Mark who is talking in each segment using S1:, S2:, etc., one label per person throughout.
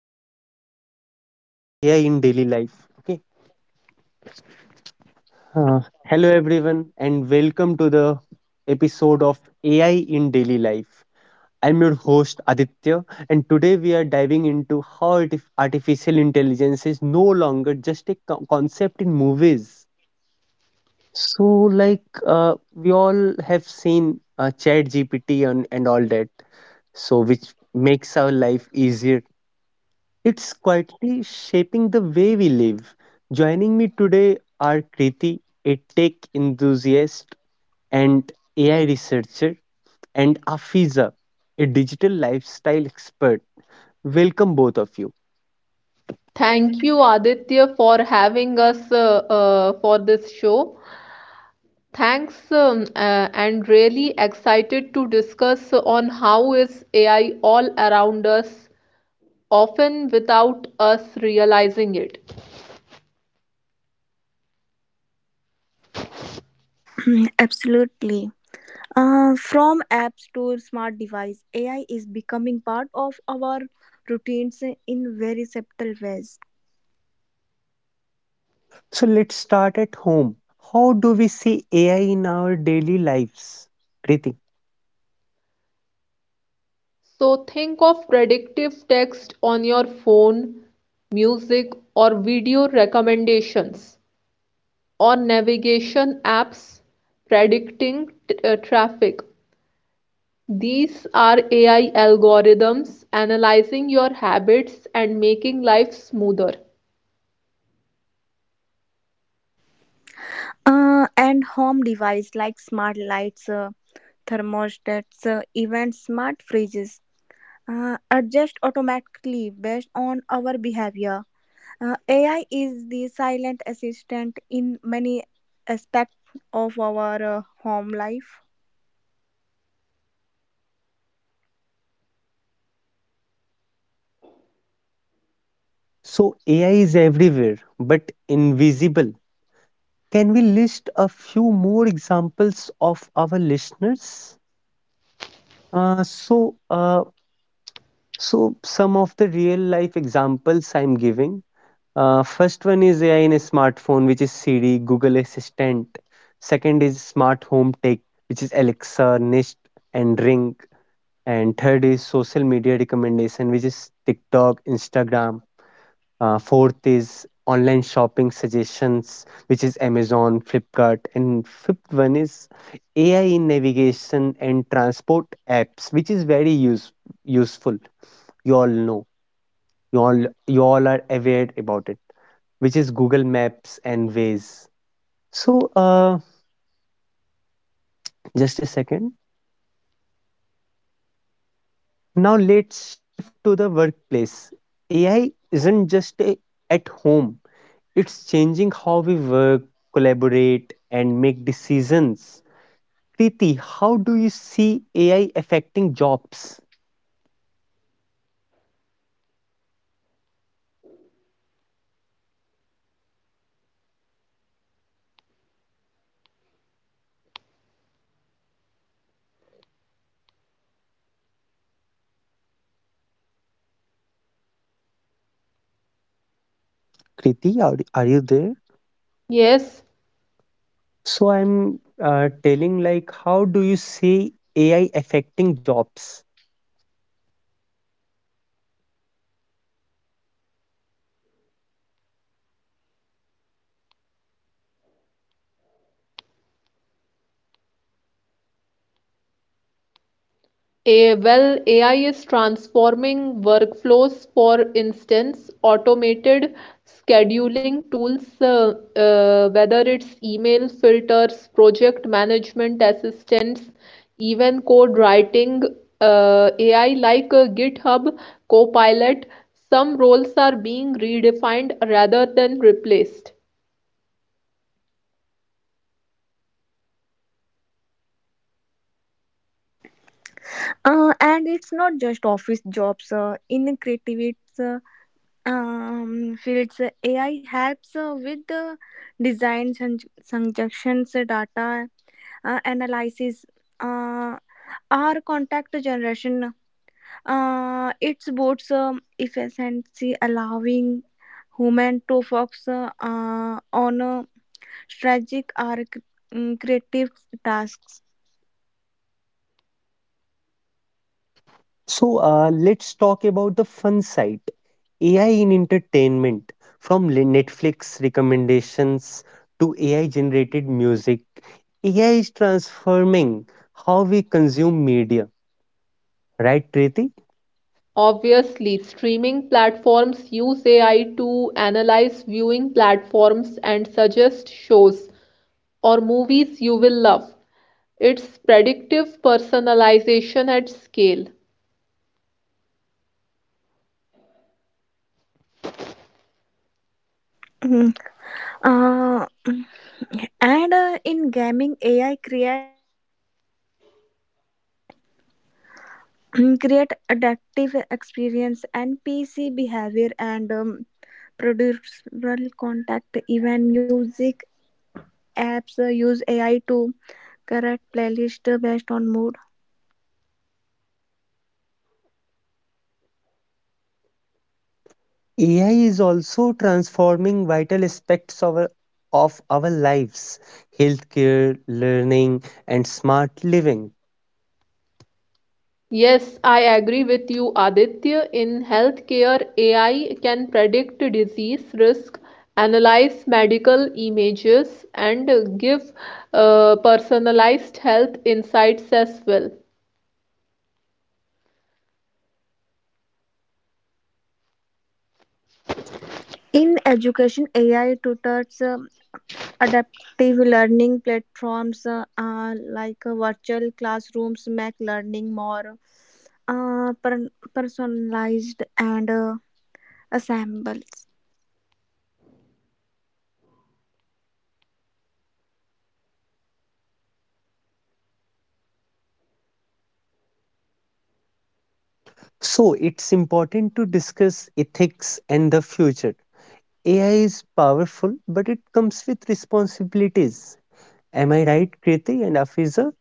S1: podcast of AI in daily life. Okay. Hello, everyone, and welcome to the episode of AI in daily life. I'm your host Aditya, and today we are diving into how artificial intelligence is no longer just a concept in movies. So, we all have seen Chat GPT and all that, so which makes our life easier. It's quietly shaping the way we live. Joining me today are Kriti, a tech enthusiast and AI researcher, and Afiza, a digital lifestyle expert. Welcome, both of you.
S2: Thank you, Aditya, for having us for this show. And really excited to discuss on how is AI all around us, often without us realizing it.
S1: So, let's start at home. How do we see AI in our daily lives, Kriti?
S2: So think of predictive text on your phone, music or video recommendations, or navigation apps predicting traffic. These are AI algorithms analyzing your habits and making life smoother.
S1: So, AI is everywhere but invisible. Can we list a few more examples of our listeners? Uh, so, uh, some of the real life examples I'm giving. First one is AI in a smartphone, which is Siri, Google Assistant. Second is smart home tech, which is Alexa, Nest, and Ring. And third is social media recommendation, which is TikTok, Instagram. Fourth is online shopping suggestions, which is Amazon, Flipkart. And fifth one is AI in navigation and transport apps, which is very useful. You all know you all you all are aware about it, which is Google Maps and Waze. So uh, just a second. Now let's shift to the workplace. AI isn't at home; it's changing how we work, collaborate, and make decisions. Kriti, how do you see AI affecting jobs? Kriti, are you there?
S2: Yes,
S1: So I'm telling like, how do you see AI affecting jobs?
S2: well, AI is transforming workflows. For instance, automated scheduling tools, whether it's email filters, project management assistants, even code writing, AI like GitHub Copilot, some roles are being redefined rather than replaced.
S1: So, let's talk about the fun side, AI in entertainment, from Netflix recommendations to AI generated music. AI is transforming how we consume media, right, Triti?
S2: Obviously, streaming platforms use AI to analyze viewing platforms and suggest shows or movies you will love. It's predictive personalization at scale.
S1: AI is also transforming vital aspects of of our lives, healthcare, learning, and smart living.
S2: Yes, I agree with you, Aditya. In healthcare, AI can predict disease risk, analyze medical images, and give personalized health insights as well.
S1: So, it's important to discuss ethics and the future. AI is powerful, but it comes with responsibilities. Am I right, Kriti and Afiza?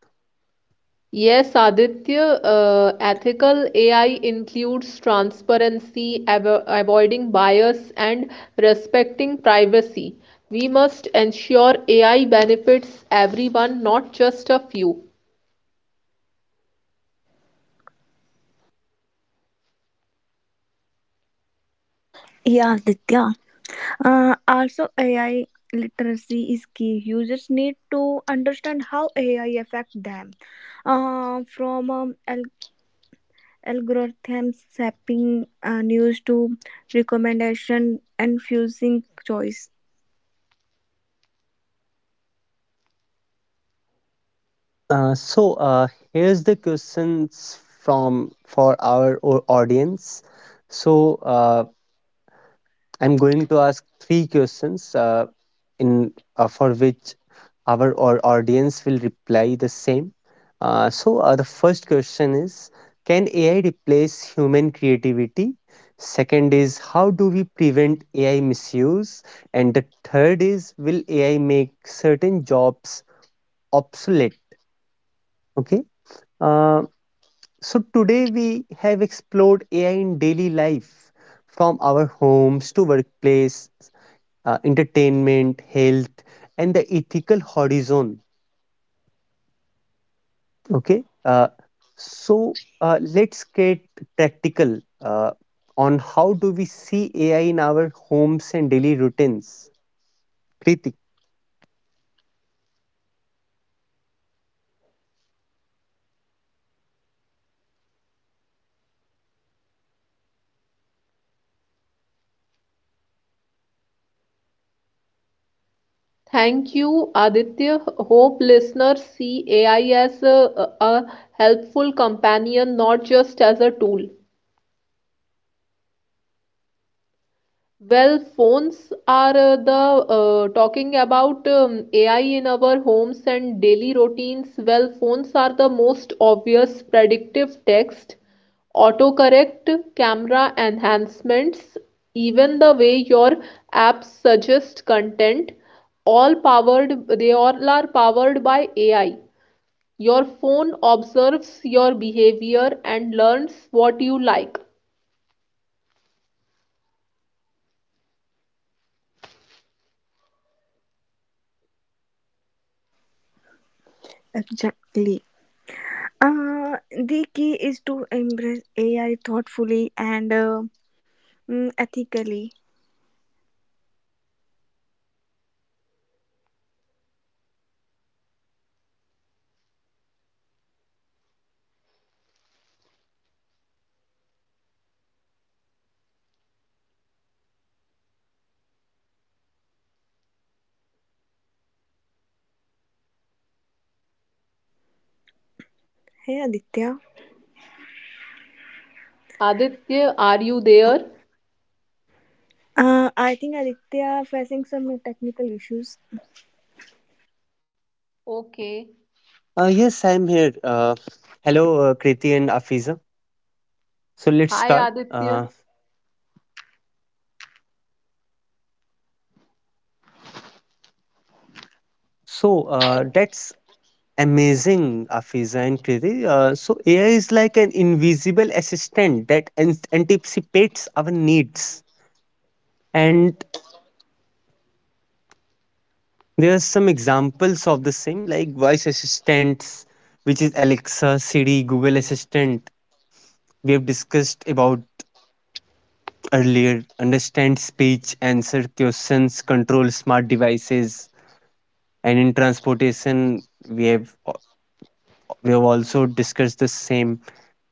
S2: Yes, Aditya, ethical AI includes transparency, avoiding bias, and respecting privacy. We must ensure AI benefits everyone, not just a few.
S1: Uh, so uh, Here's the questions from for our audience. So uh, I'm going to ask three questions. In For which our audience will reply the same. The first question is, can AI replace human creativity? Second is, how do we prevent AI misuse? And the third is, will AI make certain jobs obsolete? Okay. Uh, so Today we have explored AI in daily life from our homes to workplace, entertainment, health, and the ethical horizon. Okay. Let's get practical on how do we see AI in our homes and daily routines. Kriti.
S2: Thank you, Aditya. Hope listeners see AI as a helpful companion, not just as a tool. Well, phones are the talking about AI in our homes and daily routines. Well, phones are the most obvious: predictive text, autocorrect, camera enhancements, even the way your apps suggest content, they all are powered by AI. Your phone observes your behavior and learns what you like. Aditya, are you there?
S1: Yes, I'm here. Hello, Kriti and Afiza. So let's start. That's amazing, Afiza and Kriti. AI is like an invisible assistant that anticipates our needs. And there are some examples of the same, like voice assistants, which is Alexa, Siri, Google Assistant. We have discussed about earlier. Understand speech, answer questions, control smart devices, and in transportation, we have we have also discussed the same,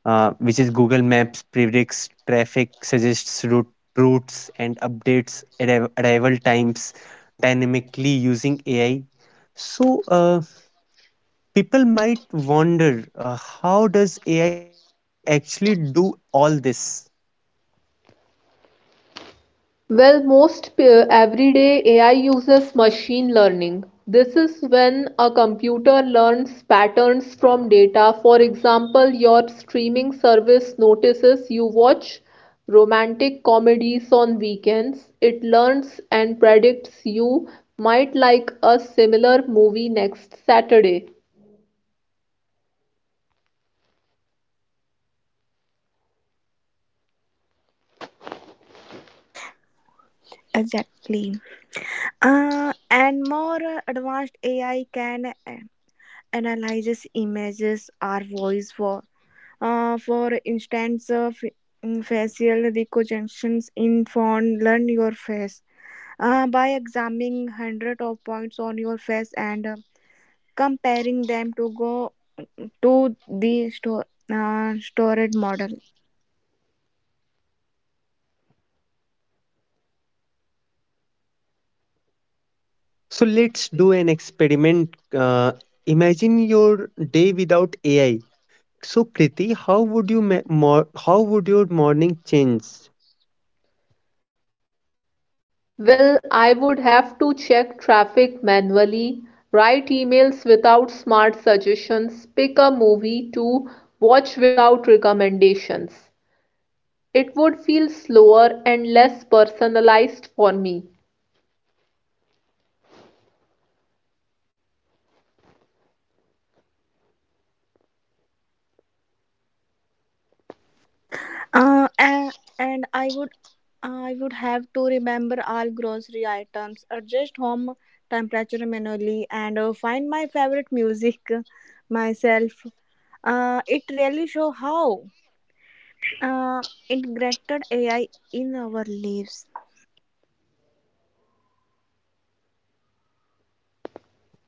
S1: which is Google Maps predicts traffic, suggests routes, and updates arrival times dynamically using AI. So. Uh, People might wonder how does AI actually do all this.
S2: Well, most everyday AI uses machine learning. This is when a computer learns patterns from data. For example, your streaming service notices you watch romantic comedies on weekends. It learns and predicts you might like a similar movie next Saturday.
S1: So let's do an experiment. uh, Imagine your day without AI. So Kriti, how would your morning change?
S2: Well, I would have to check traffic manually, write emails without smart suggestions, pick a movie to watch without recommendations. It would feel slower and less personalized for me.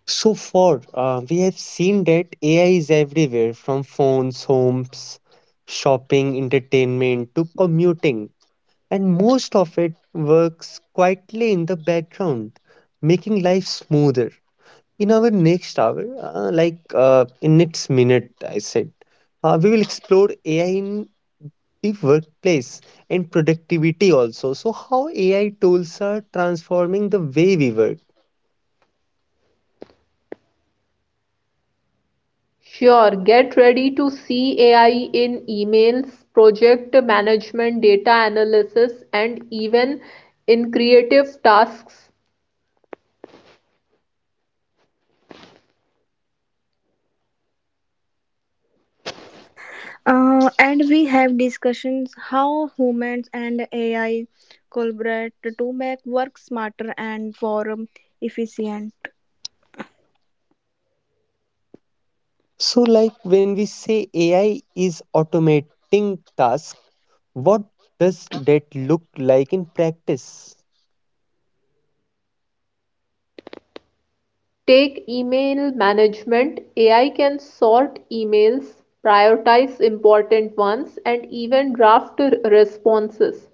S1: So far, we have seen that AI is everywhere, from phones, homes, shopping, entertainment, to commuting, and most of it works quietly in the background, making life smoother. In our next hour, in next minute, I said, we will explore AI in the workplace and productivity also. So, how AI tools are transforming the way we work.
S2: Sure, get ready to see AI in emails, project management, data analysis, and even in creative tasks.
S1: So, like when we say AI is automating tasks, what does that look like in practice?
S2: Take email management. AI can sort emails, prioritize important ones, and even draft responses.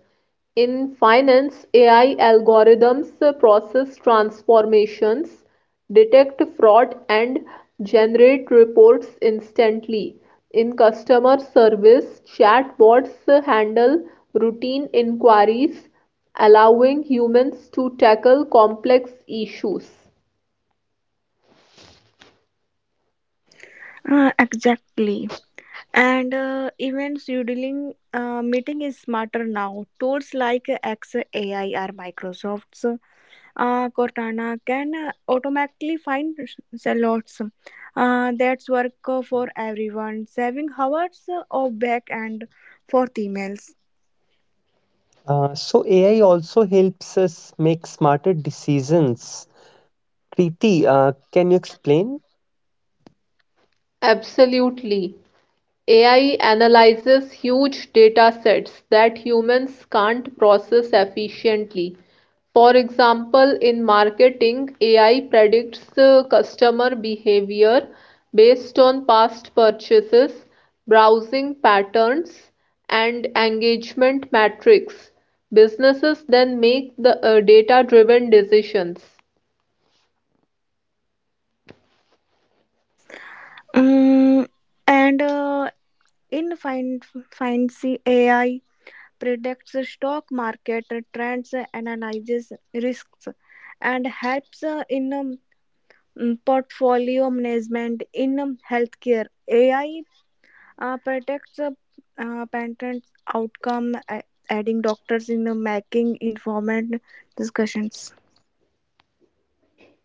S2: In finance, AI algorithms process transformations, detect fraud, and generate reports instantly. In customer service, chatbots handle routine inquiries, allowing humans to tackle complex issues.
S1: AI also helps us make smarter decisions. Kriti, can you explain?
S2: Absolutely. AI analyzes huge data sets that humans can't process efficiently. For example, in marketing, AI predicts customer behavior based on past purchases, browsing patterns, and engagement metrics. Businesses then make the data-driven decisions.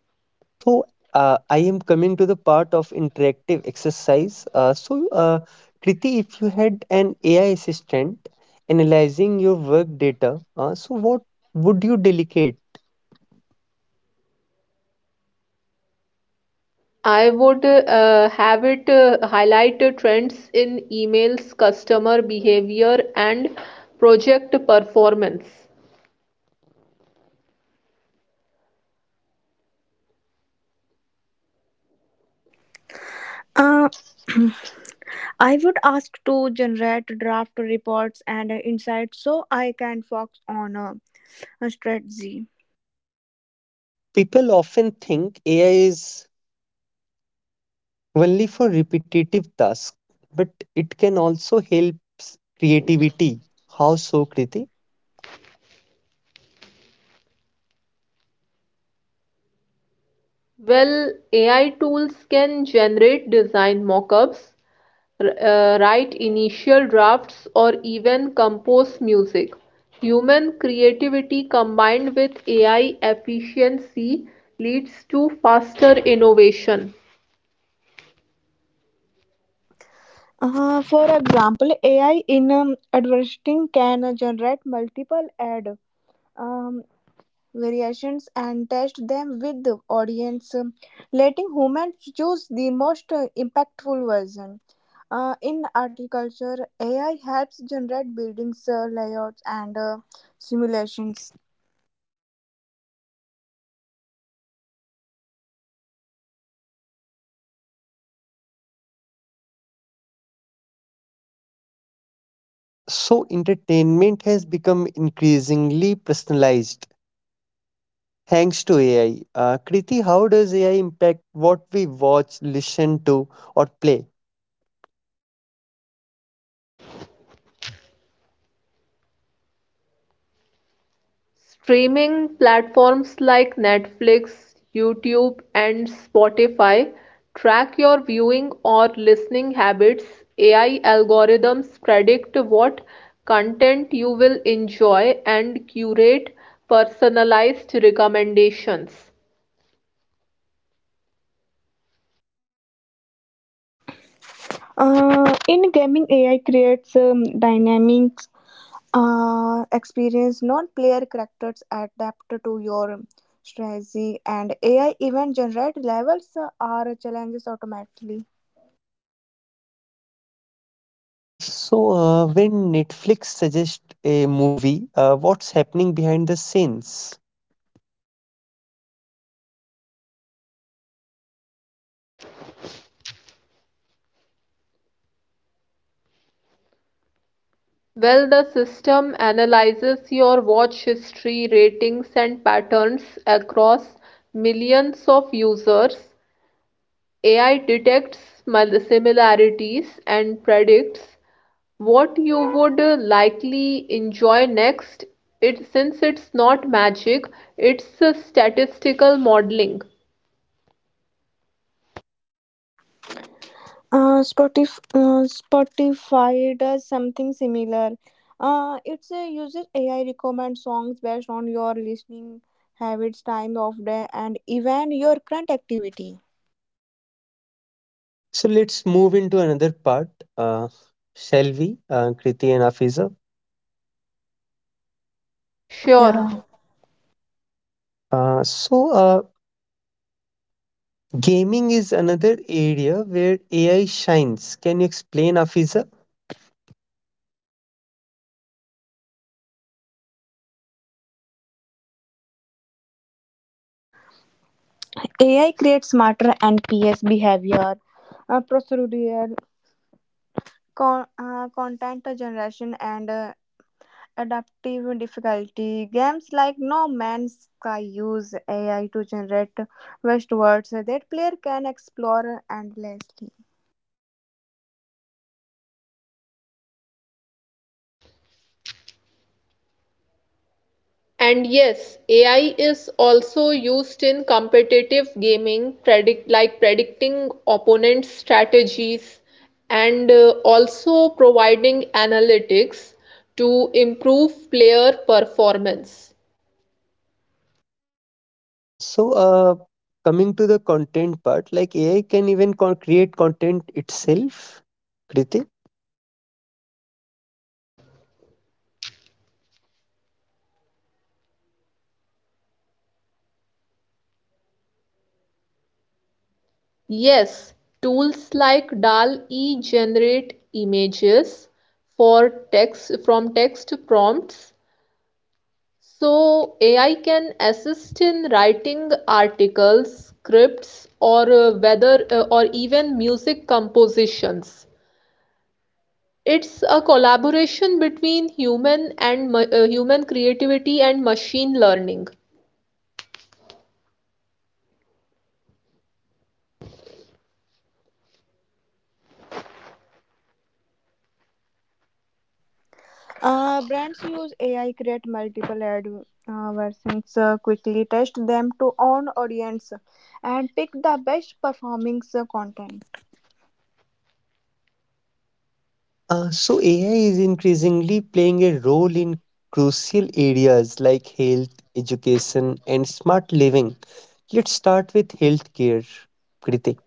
S1: Uh, so I am coming to the part of interactive exercise. Kriti, if you had an AI assistant analyzing your work data, so what would you delegate?
S2: I would have it highlight trends in emails, customer behavior, and project performance.
S1: People often think AI is only for repetitive tasks, but it can also help creativity. How so, Kriti?
S2: Well, AI tools can generate design mockups, write initial drafts, or even compose music. Human creativity combined with AI efficiency leads to faster innovation.
S1: Entertainment has become increasingly personalized thanks to AI. Kriti, how does AI impact what we watch, listen to, or play?
S2: Streaming platforms like Netflix, YouTube, and Spotify track your viewing or listening habits. AI algorithms predict what content you will enjoy and curate personalized recommendations.
S1: When Netflix suggests a movie, what's happening behind the scenes?
S2: Well, the system analyzes your watch history, ratings, and patterns across millions of users. AI detects similarities and predicts what you would likely enjoy next. It Since it's not magic, it's statistical modeling.
S1: So, let's move into another part, uh, shall we, Kriti and Afiza?
S2: Sure.
S1: Uh, so, uh, Gaming is another area where AI shines. Can you explain, Afiza?
S2: And yes, AI is also used in competitive gaming, predicting opponents' strategies and also providing analytics to improve player performance.
S1: Uh, so, uh, Coming to the content part, like AI can even create content itself, Kriti.
S2: Yes, tools like DAL-E generate images for text from text prompts. So AI can assist in writing articles, scripts, or whether or even music compositions. It's a collaboration between human creativity and machine learning.
S1: AI is increasingly playing a role in crucial areas like health, education, and smart living. Let's start with healthcare, Kriti.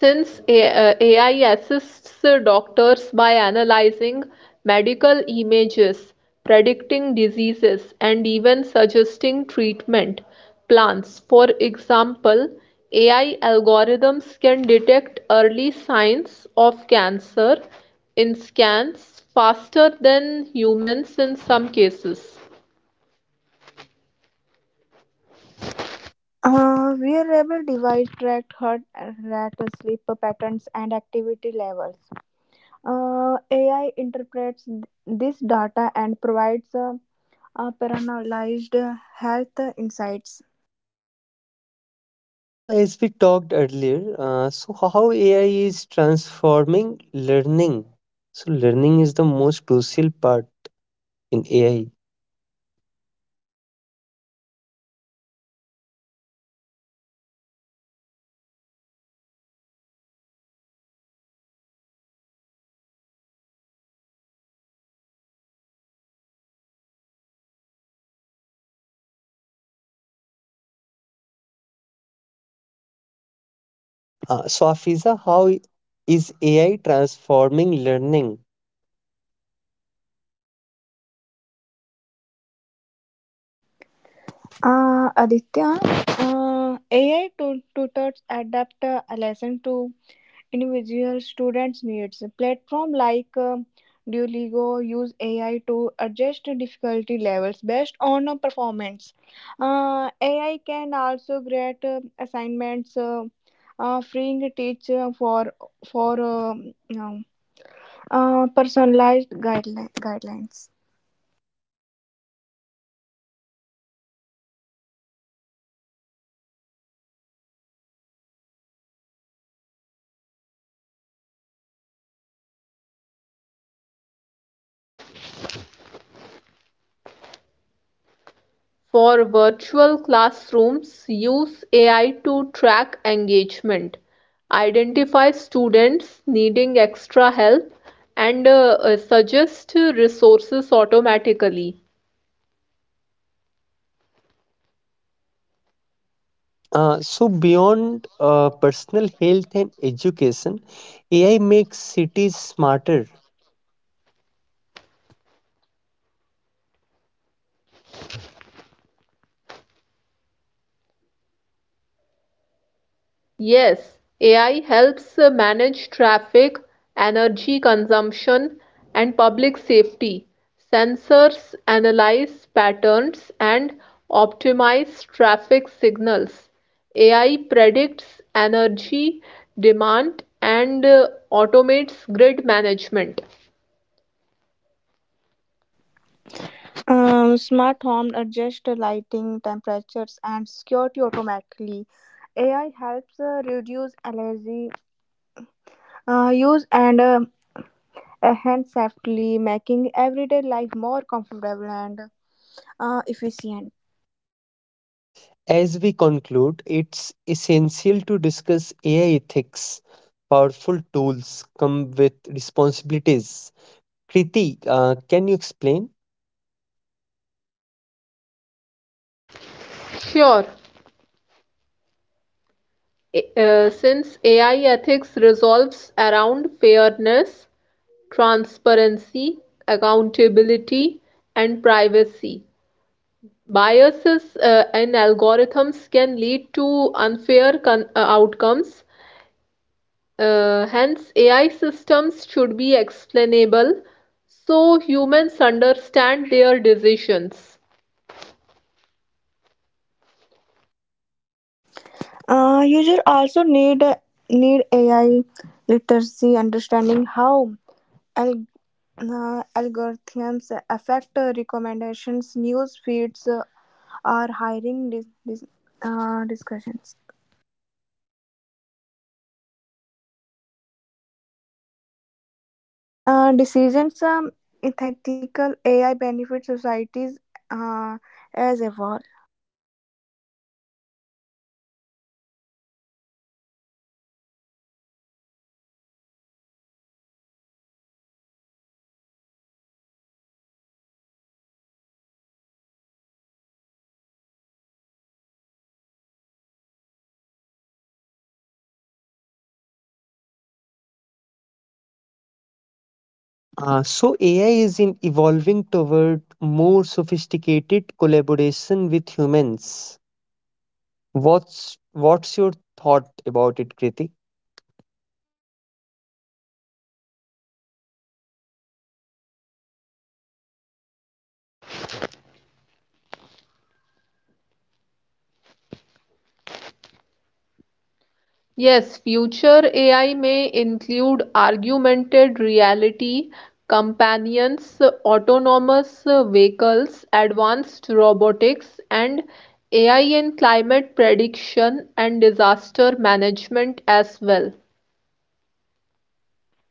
S2: Since AI assists doctors by analyzing medical images, predicting diseases, and even suggesting treatment plans. For example, AI algorithms can detect early signs of cancer in scans faster than humans in some cases.
S1: So, as we talked earlier, so how AI is transforming learning. So, learning is the most crucial part in AI. Afiza, is AI transforming learning?
S2: For virtual classrooms, use AI to track engagement, identify students needing extra help, and suggest resources automatically.
S1: Beyond personal health and education, AI makes cities smarter.
S2: Yes, AI helps manage traffic, energy consumption, and public safety. Sensors analyze patterns and optimize traffic signals. AI predicts energy demand and automates grid management.
S1: As we conclude, it's essential to discuss AI ethics. Powerful tools come with responsibilities. Kriti, can you explain?
S2: Sure. Since AI ethics resolves around fairness, transparency, accountability, and privacy. Biases in algorithms can lead to unfair outcomes. Hence, AI systems should be explainable so humans understand their decisions.
S1: AI is in evolving toward more sophisticated collaboration with humans. What's your thought about it, Kriti?
S2: Yes, future AI may include augmented reality, companions, autonomous vehicles, advanced robotics, and AI in climate prediction and disaster management as well.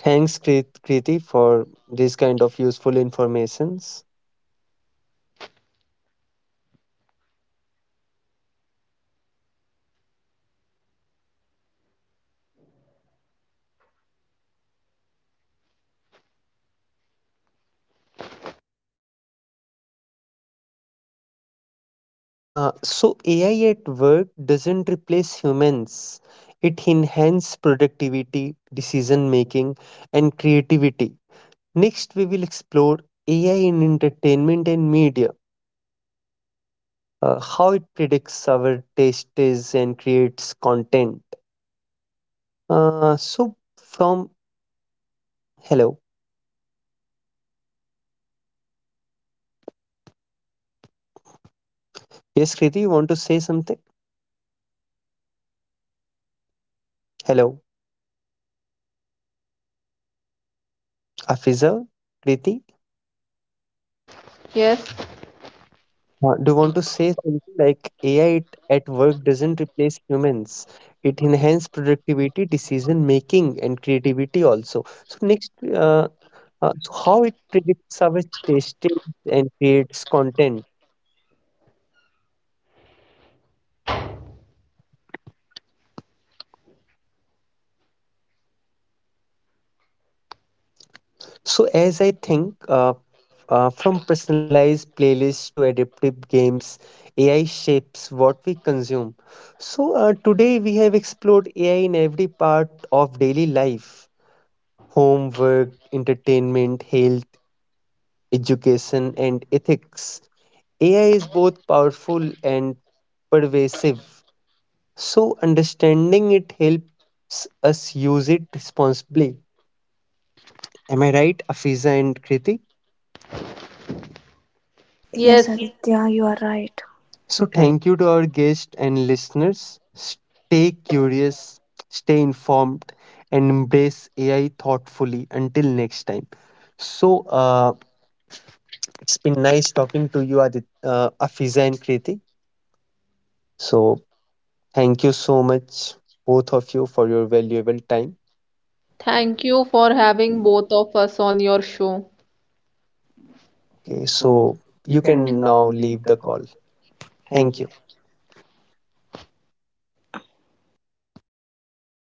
S1: Thanks, Kriti, for this kind of useful informations. AI at work doesn't replace humans. It enhances productivity, decision making, and creativity. Next, we will explore AI in entertainment and media, how it predicts our tastes and creates content. So, from Hello, yes, Kriti, you want to say something? Hello. Afizal, Kriti,
S2: Yes,
S1: do you want to say something like AI at work doesn't replace humans? It enhances productivity, decision making, and creativity also. So next, so how it predicts our tastes and creates content. So as I think, from personalized playlists to adaptive games, AI shapes what we consume. Today we have explored AI in every part of daily life, homework, entertainment, health, education, and ethics. AI is both powerful and pervasive, so understanding it helps us use it responsibly. Am I right, Afiza and Kriti? Yes,
S2: yes.
S1: yeah. So, thank you to our guests and listeners. Stay curious, stay informed, and embrace AI thoughtfully until next time. So, it's been nice talking to you, Afiza and Kriti. So thank you so much, both of you, for your valuable time.
S2: Thank you for having both of us on your show.
S1: Okay, so you can now leave the call. Thank you.